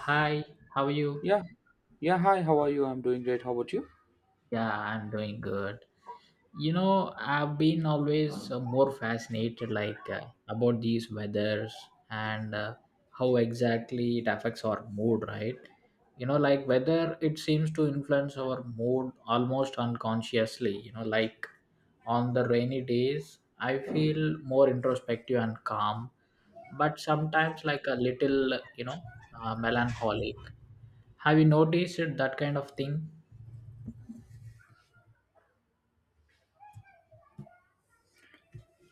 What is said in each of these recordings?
Hi, how are you? Yeah. Yeah. Hi. How are you? I'm doing great. How about you? Yeah, I'm doing good. You know, I've been always more fascinated like about these weathers and how exactly it affects our mood, right? You know, like weather it seems to influence our mood almost unconsciously, you know, like on the rainy days, I feel more introspective and calm, but sometimes like a little, you know, melancholic. Have you noticed that kind of thing?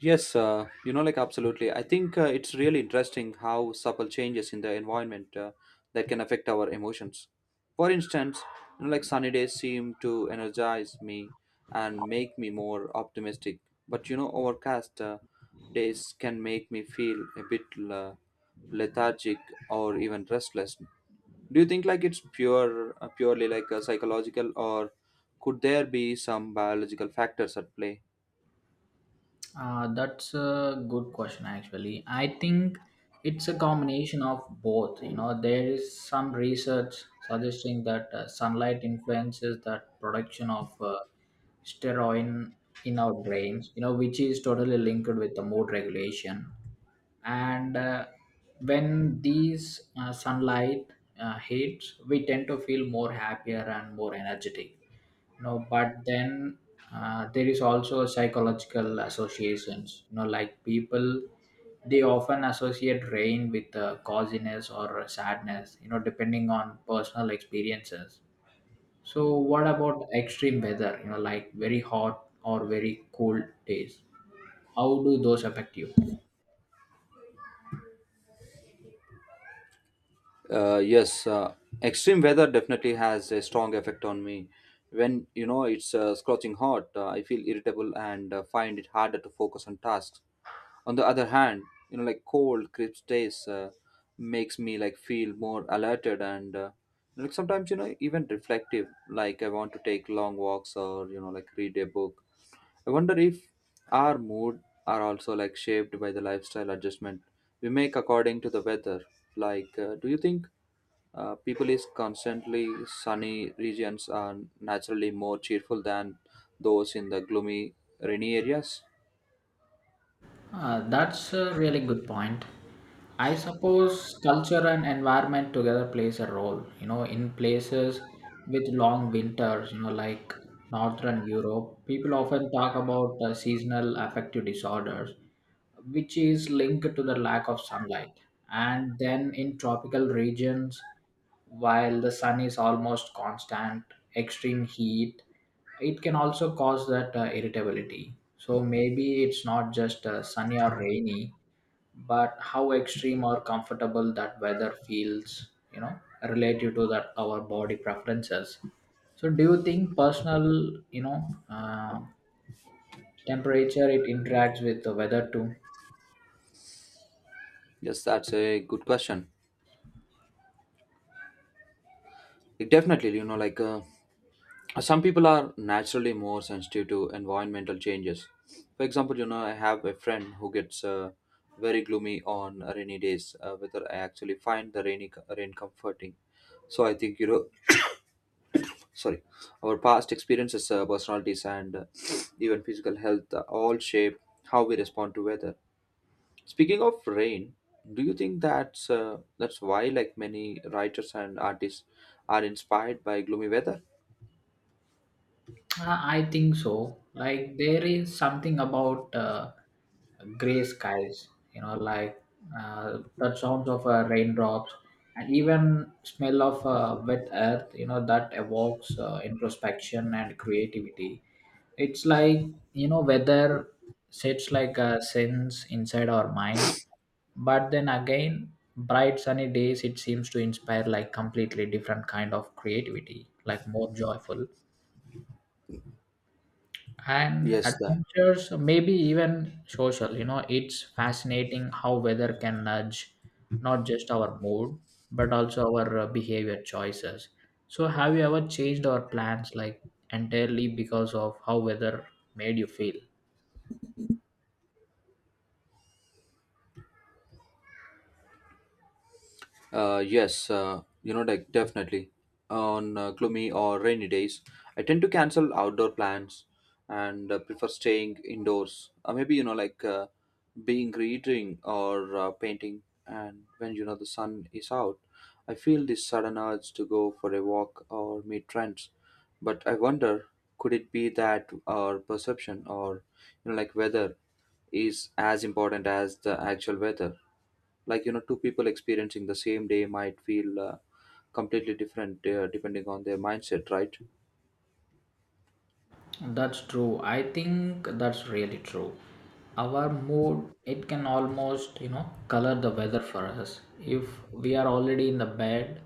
Yes. Absolutely. I think it's really interesting how subtle changes in the environment that can affect our emotions. For instance, sunny days seem to energize me and make me more optimistic. But you know, overcast days can make me feel a bit lethargic or even restless. Do you think like it's purely like a psychological, or could there be some biological factors at play? That's a good question, actually. I think it's a combination of both. You know, there is some research suggesting that sunlight influences the production of steroid in our brains, you know, which is totally linked with the mood regulation and when these sunlight hits we tend to feel more happier and more energetic, you know, but then there is also psychological associations, you know, like people they often associate rain with coziness or sadness, you know, depending on personal experiences. So what about extreme weather, you know, like very hot or very cold days? How do those affect you? uh, yes uh, Extreme weather definitely has a strong effect on me. When you know it's scorching hot, I feel irritable and find it harder to focus on tasks. On the other hand, you know, like cold crisp days makes me like feel more alerted and, like sometimes, you know, even reflective, like I want to take long walks or, you know, like read a book. I wonder if our mood are also like shaped by the lifestyle adjustment we make according to the weather. Like, do you think people is constantly sunny regions are naturally more cheerful than those in the gloomy rainy areas? That's a really good point. I suppose culture and environment together plays a role. You know, in places with long winters, you know, like northern Europe, people often talk about seasonal affective disorders, which is linked to the lack of sunlight. And then in tropical regions, while the sun is almost constant, extreme heat, it can also cause that irritability. So maybe it's not just sunny or rainy, but how extreme or comfortable that weather feels, you know, relative to that our body preferences. So do you think personal, you know, temperature it interacts with the weather too? Yes, that's a good question. Definitely, you know, like some people are naturally more sensitive to environmental changes. For example, you know, I have a friend who gets very gloomy on rainy days. Whether I actually find the rain comforting. So I think, you know, sorry, our past experiences, personalities, and even physical health all shape how we respond to weather. Speaking of rain, do you think that's why like many writers and artists are inspired by gloomy weather? I think so. Like there is something about gray skies, you know, like the sounds of raindrops and even smell of wet earth, you know, that evokes introspection and creativity. It's like, you know, weather sets like a sense inside our minds. But then again, bright sunny days, it seems to inspire like completely different kind of creativity, like more joyful and Yes, that. adventures, maybe even social. You know, it's fascinating how weather can nudge not just our mood but also our behavior choices. So have you ever changed our plans like entirely because of how weather made you feel? Definitely. On gloomy or rainy days, I tend to cancel outdoor plans and prefer staying indoors. Maybe you know, like being reading or painting. And when you know the sun is out, I feel this sudden urge to go for a walk or meet friends. But I wonder, could it be that our perception or, you know, like weather is as important as the actual weather? Like, you know, two people experiencing the same day might feel completely different, depending on their mindset, right? That's true. I think that's really true. Our mood, it can almost, you know, color the weather for us. If we are already in the bed,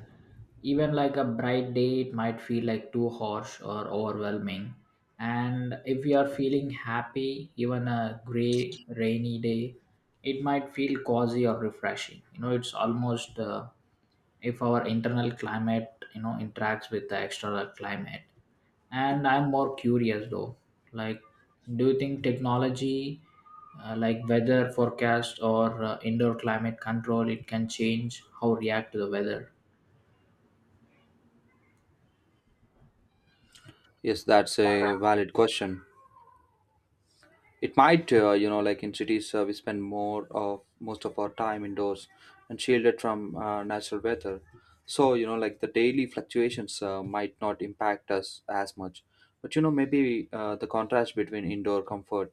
even like a bright day, it might feel like too harsh or overwhelming. And if we are feeling happy, even a gray, rainy day, it might feel cozy or refreshing. You know, it's almost if our internal climate, you know, interacts with the external climate. And I'm more curious though, like, do you think technology, like weather forecast or indoor climate control, it can change how we react to the weather? Yes, that's a valid question. It might, you know, like in cities, we spend more of most of our time indoors and shielded from natural weather. So, you know, like the daily fluctuations might not impact us as much. But you know, maybe the contrast between indoor comfort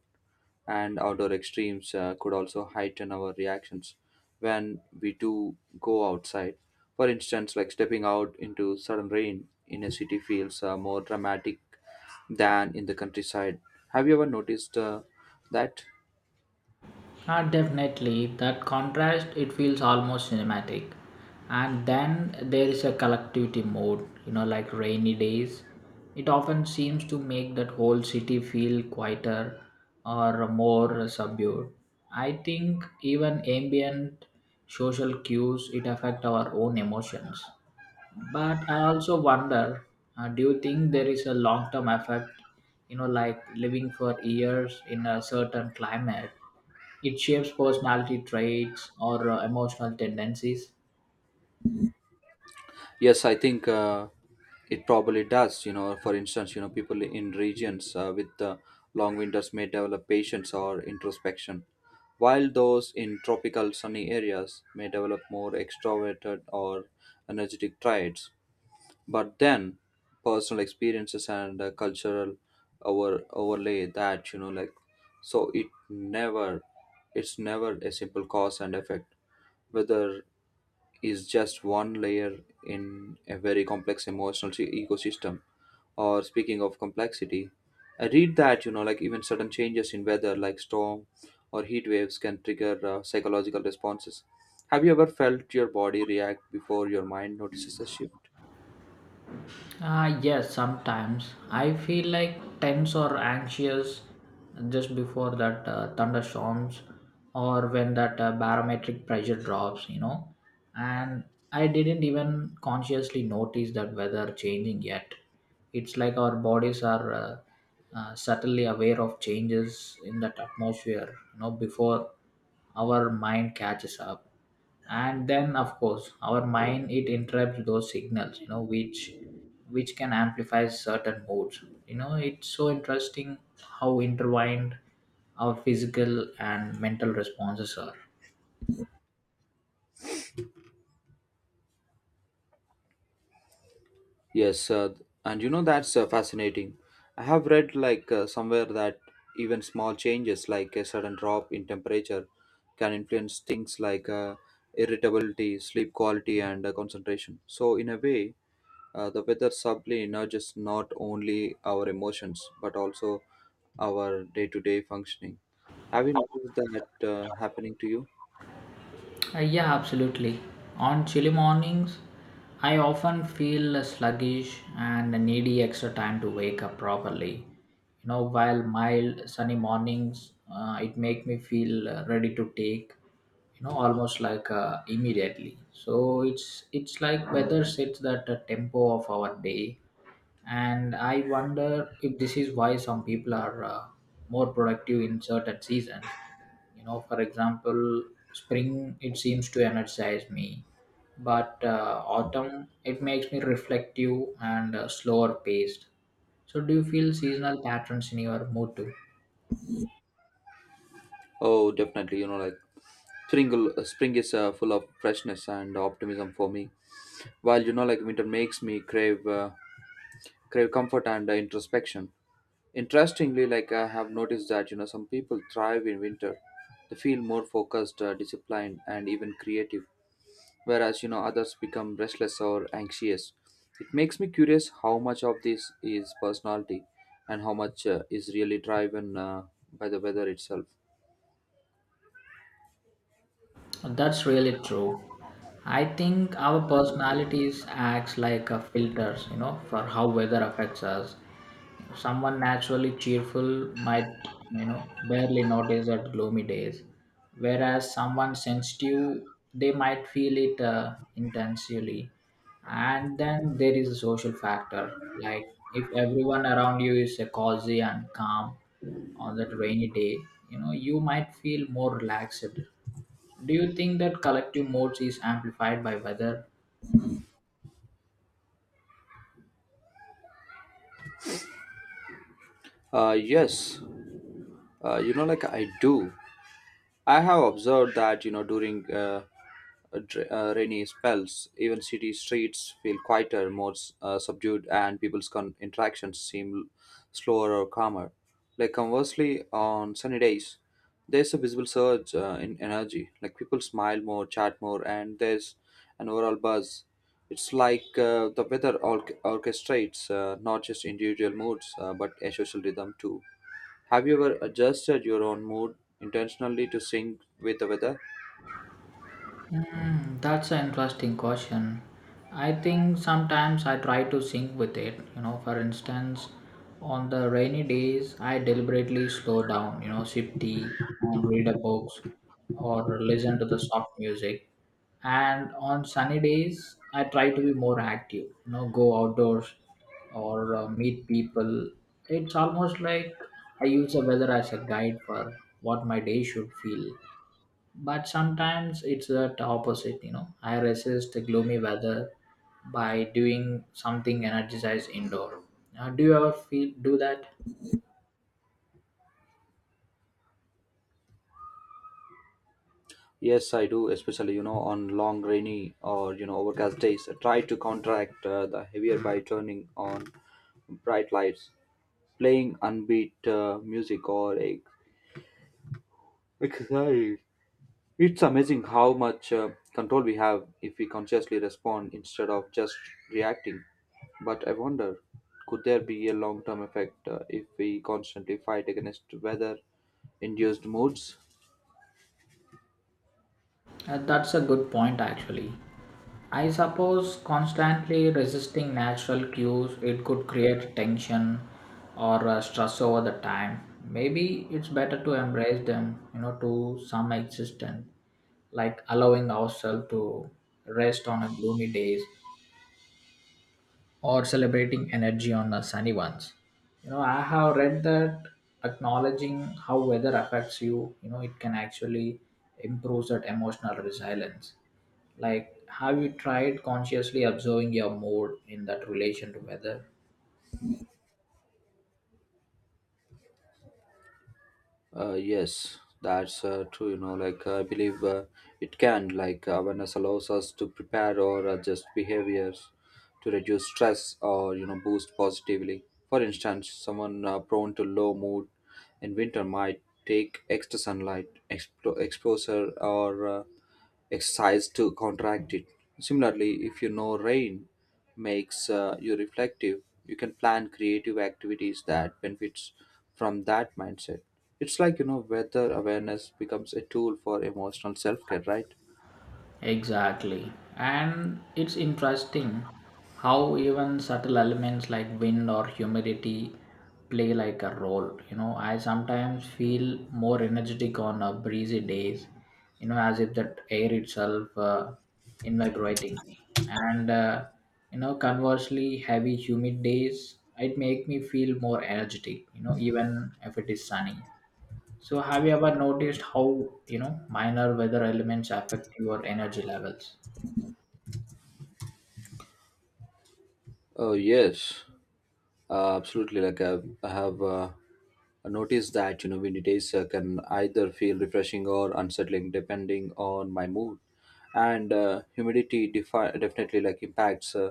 and outdoor extremes could also heighten our reactions when we do go outside. For instance, like stepping out into sudden rain in a city feels more dramatic than in the countryside. Have you ever noticed that? Ah, definitely. That contrast, it feels almost cinematic. And then there is a collectivity mode, you know, like rainy days. It often seems to make that whole city feel quieter or more subdued. I think even ambient social cues, it affect our own emotions. But I also wonder, do you think there is a long term effect, you know, like living for years in a certain climate, it shapes personality traits or emotional tendencies? Yes, I think it probably does. You know, for instance, you know, people in regions with long winters may develop patience or introspection, while those in tropical sunny areas may develop more extroverted or energetic traits. But then, personal experiences and cultural overlay that, you know, like so it never, it's never a simple cause and effect. Whether is just one layer in a very complex emotional ecosystem. Or speaking of complexity, I read that, you know, like even sudden changes in weather, like storm or heat waves, can trigger psychological responses. Have you ever felt your body react before your mind notices a shift? Yes, sometimes I feel like tense or anxious just before that thunderstorms or when that barometric pressure drops, you know. And I didn't even consciously notice that weather changing yet. It's like our bodies are subtly aware of changes in that atmosphere, you know, before our mind catches up. And then of course our mind it interrupts those signals, you know, which can amplify certain modes. You know, it's so interesting how intertwined our physical and mental responses are. Yes, and you know that's fascinating. I have read like somewhere that even small changes, like a sudden drop in temperature, can influence things like irritability, sleep quality, and concentration. So, in a way, the weather subtly nudges not only our emotions but also our day-to-day functioning. Have you noticed that happening to you? Yeah, absolutely. On chilly mornings, I often feel sluggish and needy extra time to wake up properly. You know, while mild sunny mornings, it make me feel ready to take. You know, almost like immediately. So it's like weather sets that tempo of our day. And I wonder if this is why some people are more productive in certain seasons. You know, for example, spring it seems to energize me, but autumn it makes me reflective and slower paced. So do you feel seasonal patterns in your mood too? Oh, definitely. You know, like spring, spring is full of freshness and optimism for me, while, you know, like winter makes me crave comfort and introspection. Interestingly, like I have noticed that, you know, some people thrive in winter. They feel more focused, disciplined, and even creative, whereas, you know, others become restless or anxious. It makes me curious how much of this is personality and how much is really driven by the weather itself. That's really true. I think our personalities acts like a filters, you know, for how weather affects us. Someone naturally cheerful might, you know, barely notice at gloomy days, whereas someone sensitive they might feel it intensely. And then there is a social factor, like if everyone around you is cozy and calm on that rainy day, you know, you might feel more relaxed. Do you think that collective modes is amplified by weather? uh, yes I do. I have observed that, you know, during rainy spells, even city streets feel quieter, more subdued, and people's interactions seem slower or calmer. Like conversely, on sunny days, there's a visible surge in energy. Like people smile more, chat more, and there's an overall buzz. It's like the weather orchestrates, not just individual moods, but a social rhythm too. Have you ever adjusted your own mood intentionally to sync with the weather? Hmm, that's an interesting question. I think sometimes I try to sync with it. You know, for instance, on the rainy days, I deliberately slow down, you know, sip tea and read a books or listen to the soft music. And on sunny days, I try to be more active, you know, go outdoors or meet people. It's almost like I use the weather as a guide for what my day should feel. But sometimes it's the opposite, you know, I resist the gloomy weather by doing something energized indoor. Do you ever feel do that? Yes, I do, especially, you know, on long rainy or, you know, overcast days. I try to counteract the heavier by turning on bright lights, playing unbeat music or a exercise. It's amazing how much control we have if we consciously respond instead of just reacting. But I wonder, could there be a long-term effect if we constantly fight against weather-induced moods? That's a good point, actually. I suppose constantly resisting natural cues it could create tension or stress over the time. Maybe it's better to embrace them, you know, to some extent, like allowing ourselves to rest on a gloomy days or celebrating energy on a sunny ones. You know, I have read that acknowledging how weather affects you, you know, it can actually improve that emotional resilience. Like, have you tried consciously observing your mood in that relation to weather? Yes, that's true. You know, like I believe it can. Like awareness allows us to prepare or adjust behaviors to reduce stress or, you know, boost positively. For instance, someone prone to low mood in winter might take extra sunlight exposure or exercise to contract it. Similarly, if you know rain makes you reflective, you can plan creative activities that benefits from that mindset. It's like, you know, weather awareness becomes a tool for emotional self care, right? Exactly. And it's interesting how even subtle elements like wind or humidity play like a role. You know, I sometimes feel more energetic on breezy days, you know, as if that air itself invigorating me. And, you know, conversely, heavy, humid days, it make me feel more energetic, you know, even if it is sunny. So, have you ever noticed how, you know, minor weather elements affect your energy levels? Oh yes. Absolutely. Like I have noticed that, you know, windy days can either feel refreshing or unsettling depending on my mood, and humidity definitely like impacts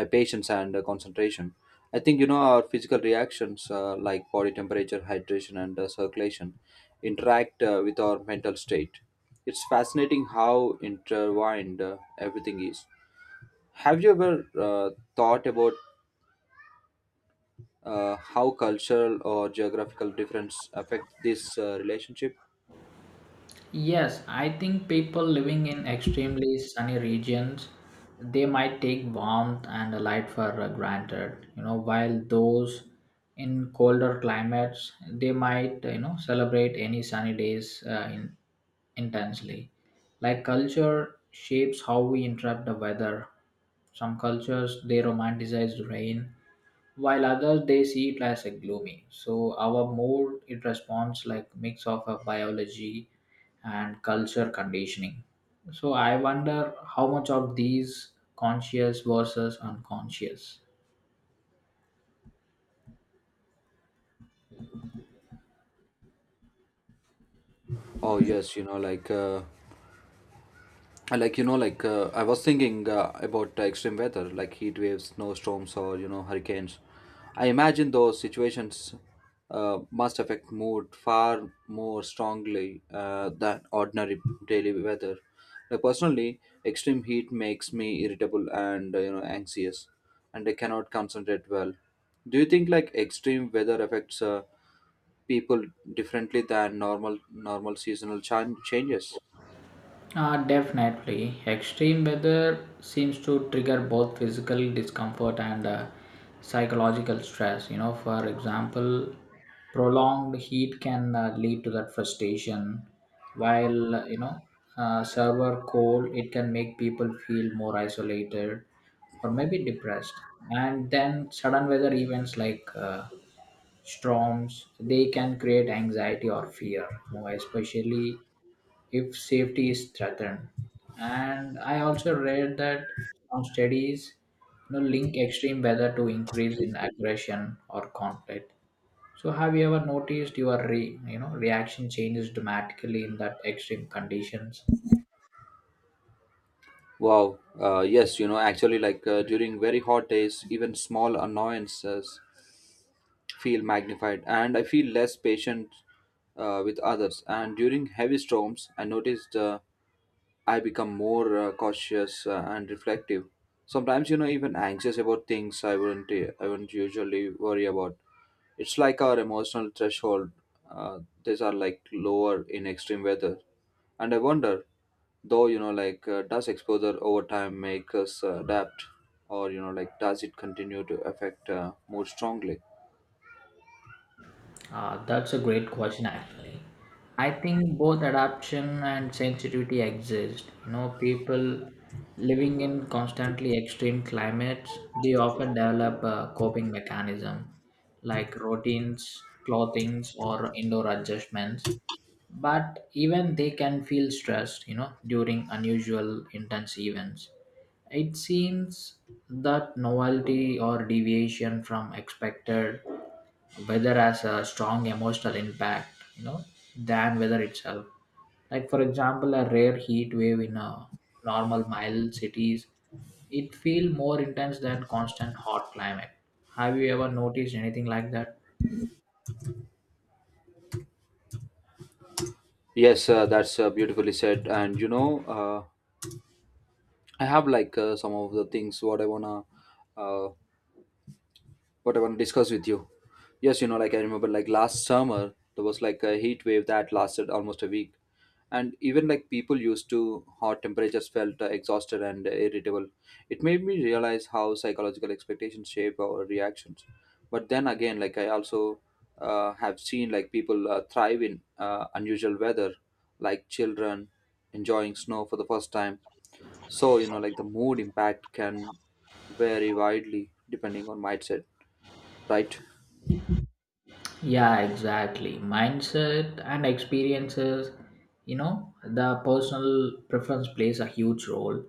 my patience and concentration. I think, you know, our physical reactions, like body temperature, hydration, and circulation, interact with our mental state. It's fascinating how intertwined everything is. Have you ever thought about how cultural or geographical difference affect this relationship? Yes, I think people living in extremely sunny regions they might take warmth and light for granted. You know, while those in colder climates they might, you know, celebrate any sunny days intensely. Like culture shapes how we interpret the weather. Some cultures they romanticize rain while others they see it as a gloomy. So our mood it responds like mix of a biology and culture conditioning. So I wonder how much of these conscious versus unconscious. oh yes you know like uh, I I was thinking about extreme weather like heat waves, snowstorms, or, you know, hurricanes. I imagine those situations must affect mood far more strongly than ordinary daily weather. Like, personally, extreme heat makes me irritable and, you know, anxious, and I cannot concentrate well. Do you think like extreme weather affects people differently than normal seasonal changes? Definitely. Extreme weather seems to trigger both physical discomfort and psychological stress. You know, for example, prolonged heat can lead to that frustration, while, you know, server cold, it can make people feel more isolated or maybe depressed. And then sudden weather events like storms, they can create anxiety or fear, you know, especially if safety is threatened. And I also read that some studies, you know, link extreme weather to increase in aggression or conflict. So have you ever noticed your re, you know, reaction changes dramatically in that extreme conditions? Wow. Yes, you know, actually, like during very hot days, even small annoyances feel magnified, and I feel less patient with others. And during heavy storms, I noticed. I become more cautious and reflective. Sometimes, you know, even anxious about things I wouldn't usually worry about. It's like our emotional threshold. These are like lower in extreme weather, and I wonder, though, you know, like does exposure over time make us adapt, or, you know, like does it continue to affect more strongly? That's a great question, actually. I think both adaptation and sensitivity exist. You know, people living in constantly extreme climates, they often develop a coping mechanism like routines, clothings, or indoor adjustments. But even they can feel stressed, you know, during unusual intense events. It seems that novelty or deviation from expected whether has a strong emotional impact, you know, than weather itself. Like for example a rare heat wave in a normal mild cities, it feel more intense than constant hot climate. Have you ever noticed anything like that? Yes, that's beautifully said. And you know, I have like some of the things uh, what I want to discuss with you. Yes, you know, like I remember, like last summer there was like a heat wave that lasted almost a week, and even like people used to hot temperatures felt exhausted and irritable. It made me realize how psychological expectations shape our reactions. But then again, like I also have seen like people thrive in unusual weather, like children enjoying snow for the first time. So, you know, like the mood impact can vary widely depending on mindset, right? Yeah, exactly. Mindset and experiences, you know, the personal preference plays a huge role.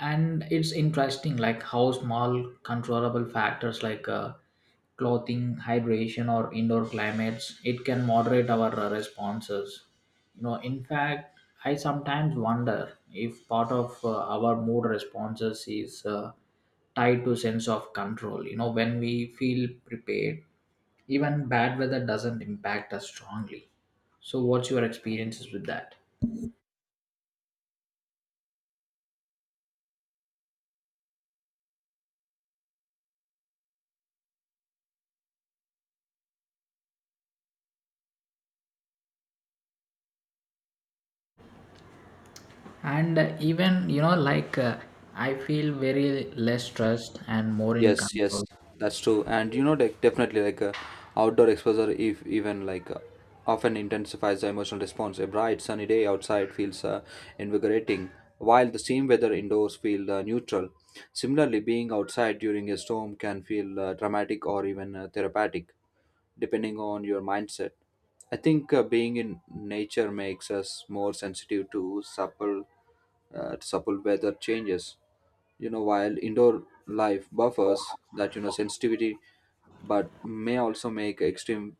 And it's interesting like how small controllable factors like clothing hydration or indoor climates it can moderate our responses. You know, in fact, I sometimes wonder if part of our mood responses is tied to sense of control. You know, when we feel prepared, even bad weather doesn't impact us strongly. So what's your experiences with that? And even, you know, like I feel very less stressed and more in Yes, control. that's true. And you know, like definitely, like outdoor exposure, if even like often intensifies the emotional response. A bright sunny day outside feels invigorating, while the same weather indoors feel neutral. Similarly, being outside during a storm can feel dramatic or even therapeutic, depending on your mindset. I think being in nature makes us more sensitive to supple weather changes, you know, while indoor life buffers that, you know, sensitivity, but may also make extreme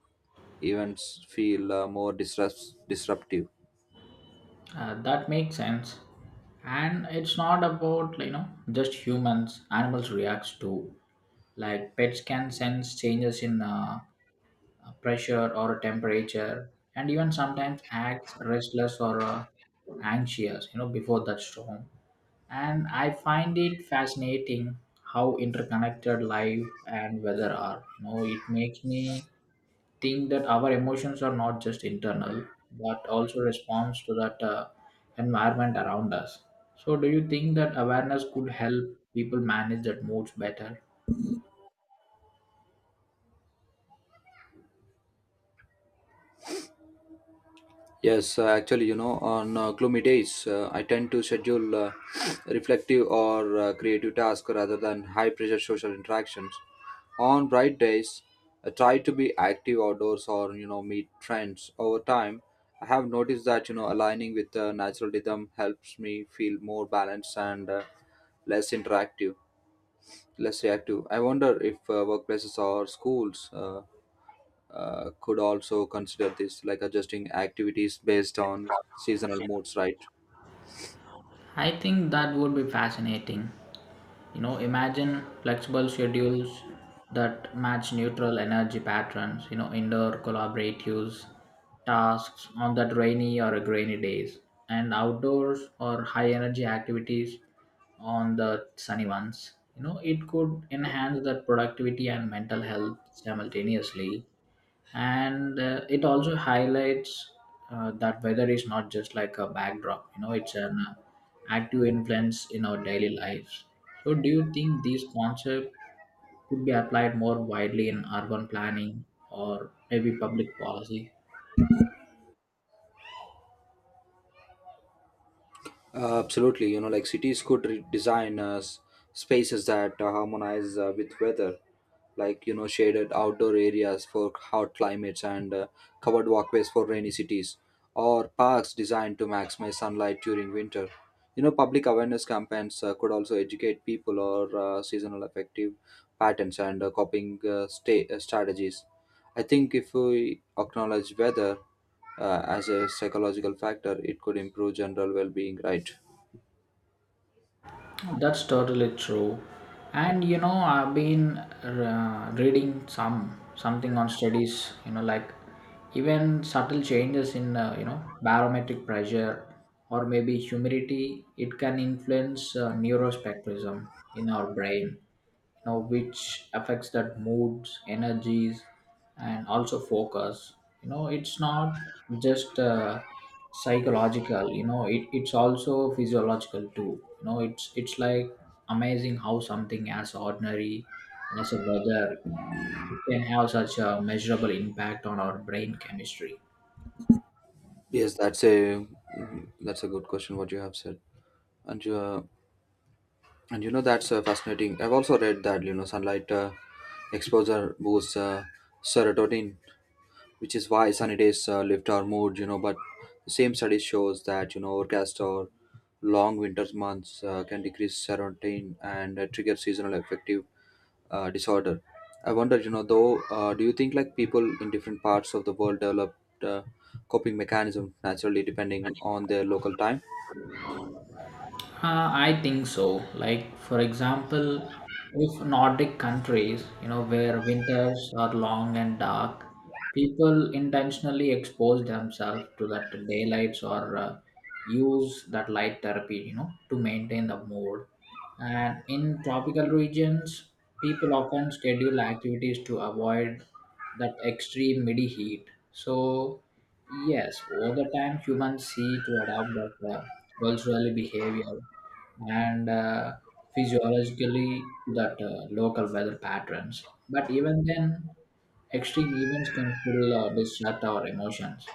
events feel more disruptive. That makes sense. And it's not about, you know, just humans, animals reacts too. Like pets can sense changes in pressure or temperature and even sometimes acts restless or anxious, you know, before that storm. And I find it fascinating how interconnected life and weather are. You know, it makes me think that our emotions are not just internal but also responds to that environment around us. So do you think that awareness could help people manage that moods better? Yes, actually, you know, on gloomy days, I tend to schedule reflective or creative tasks rather than high pressure social interactions. On bright days, I try to be active outdoors or, you know, meet friends. Over time, I have noticed that, aligning with the natural rhythm helps me feel more balanced and less interactive, less reactive. I wonder if workplaces or schools could also consider this, like adjusting activities based on seasonal moods, right? I think that would be fascinating. You know, imagine flexible schedules that match neutral energy patterns, you know, indoor collaboratives, tasks on that rainy or grainy days, and outdoors or high energy activities on the sunny ones. You know, it could enhance that productivity and mental health simultaneously, and it also highlights that weather is not just like a backdrop, you know, it's an active influence in our daily lives. So do you think these concepts could be applied more widely in urban planning or maybe public policy? Absolutely, you know, like cities could design spaces that harmonize with weather, like, you know, shaded outdoor areas for hot climates and covered walkways for rainy cities, or parks designed to maximize sunlight during winter. You know, public awareness campaigns could also educate people or seasonal effective patterns and coping strategies. I think if we acknowledge weather as a psychological factor, it could improve general well-being, right? That's totally true. And you know, I've been reading something on studies. You know, like even subtle changes in you know, barometric pressure or maybe humidity, it can influence neurospectrism in our brain. You know, which affects that moods, energies, and also focus. You know, it's not just psychological, you know it's also physiological too. You know it's like amazing how something as ordinary as a weather, it can have such a measurable impact on our brain chemistry. Yes, that's a good question, what you have said. And uh, and you know, that's fascinating. I've also read that, you know, sunlight exposure boosts serotonin, which is why sunny days lift our mood. You know, but the same study shows that, you know, overcast or long winter months can decrease serotonin and trigger seasonal affective disorder. I wonder, though, do you think, like, people in different parts of the world develop uh, coping mechanism naturally depending on their local time? I think so. Like, for example, if Nordic countries, you know, where winters are long and dark, people intentionally expose themselves to that daylights or use that light therapy, you know, to maintain the mood. And in tropical regions, people often schedule activities to avoid that extreme midi heat. So, yes, over time, humans see to adopt that culturally behavior and physiologically to that local weather patterns. But even then, extreme events can still disrupt our emotions.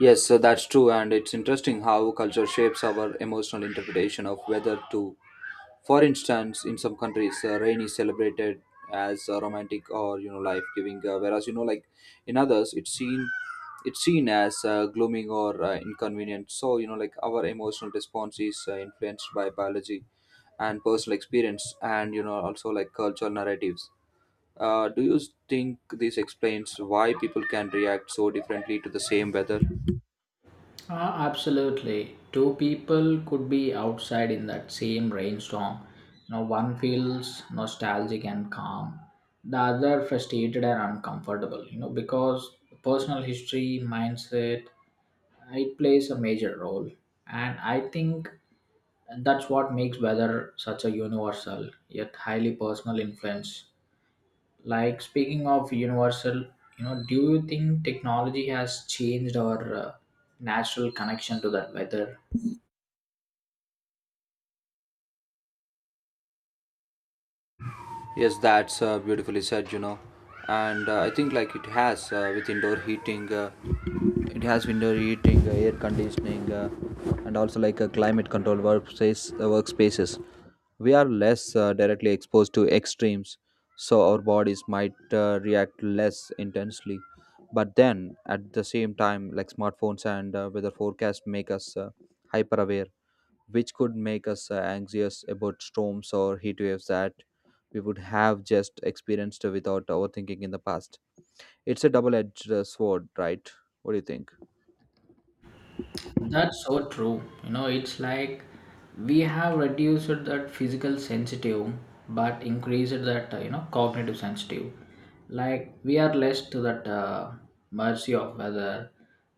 Yes, so that's true, and it's interesting how culture shapes our emotional interpretation of weather too. For instance, in some countries, rain is celebrated as romantic or, you know, life-giving, whereas, you know, like in others, it's seen as glooming or inconvenient. So, you know, like, our emotional response is influenced by biology and personal experience, and, you know, also like cultural narratives. Do you think this explains why people can react so differently to the same weather? Ah, absolutely. Two people could be outside in that same rainstorm. You know, one feels nostalgic and calm, the other frustrated and uncomfortable. You know, because personal history, mindset, it plays a major role. And I think And that's what makes weather such a universal yet highly personal influence. Like speaking of universal, you know, do you think technology has changed our natural connection to that weather? Yes, that's beautifully said, you know. And I think, like, it has with indoor heating, it has window heating, air conditioning, and also like a workspaces. We are less directly exposed to extremes, so our bodies might react less intensely. But then, at the same time, like, smartphones and weather forecasts make us hyper aware, which could make us anxious about storms or heat waves that we would have just experienced without overthinking in the past. It's a double edged sword, right? What do you think? That's so true. You know, it's like we have reduced that physical sensitive but increased that, you know, cognitive sensitive. Like we are less to that mercy of weather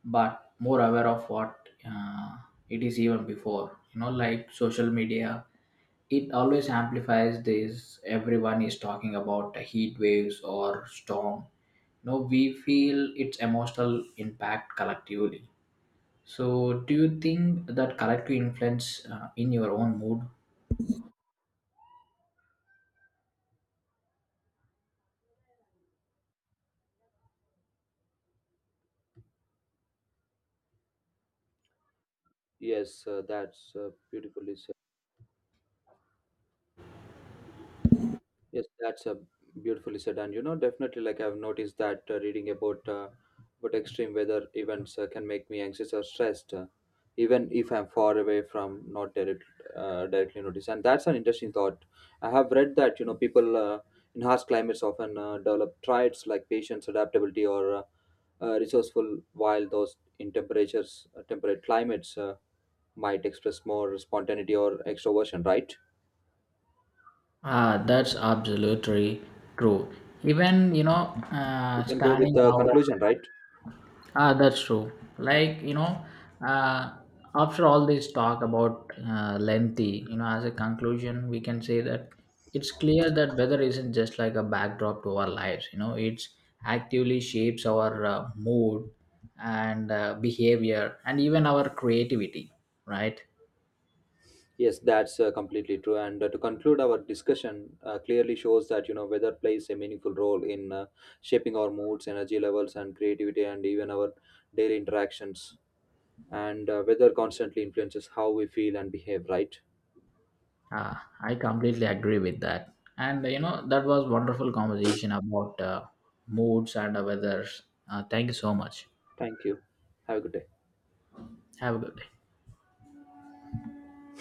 but more aware of what it is even before. You know, like social media, it always amplifies this. Everyone is talking about heat waves or storm. You know, we feel its emotional impact collectively. So, do you think that character influence in your own mood? Yes, that's beautifully said. Yes, that's a Beautifully said, and, you know, definitely, like, I've noticed that reading about extreme weather events can make me anxious or stressed, even if I'm far away from not direct, directly notice. And that's an interesting thought. I have read that, you know, people in harsh climates often develop traits like patience, adaptability, or resourceful, while those in temperate climates might express more spontaneity or extroversion, right? Ah, that's absolutely true. Even you know, You can go with standing the out. conclusion, right? Ah, that's true. Like you know, uh, after all this talk about lengthy, you know, as a conclusion, we can say that it's clear that weather isn't just like a backdrop to our lives. You know, it's actively shapes our mood and behavior and even our creativity, right? Yes, that's completely true. And to conclude, our discussion clearly shows that, you know, weather plays a meaningful role in shaping our moods, energy levels, and creativity, and even our daily interactions. And weather constantly influences how we feel and behave, right? Uh, I completely agree with that. And you know, that was wonderful conversation about moods and weathers. Thank you so much. Thank you. Have a good day. Have a good day.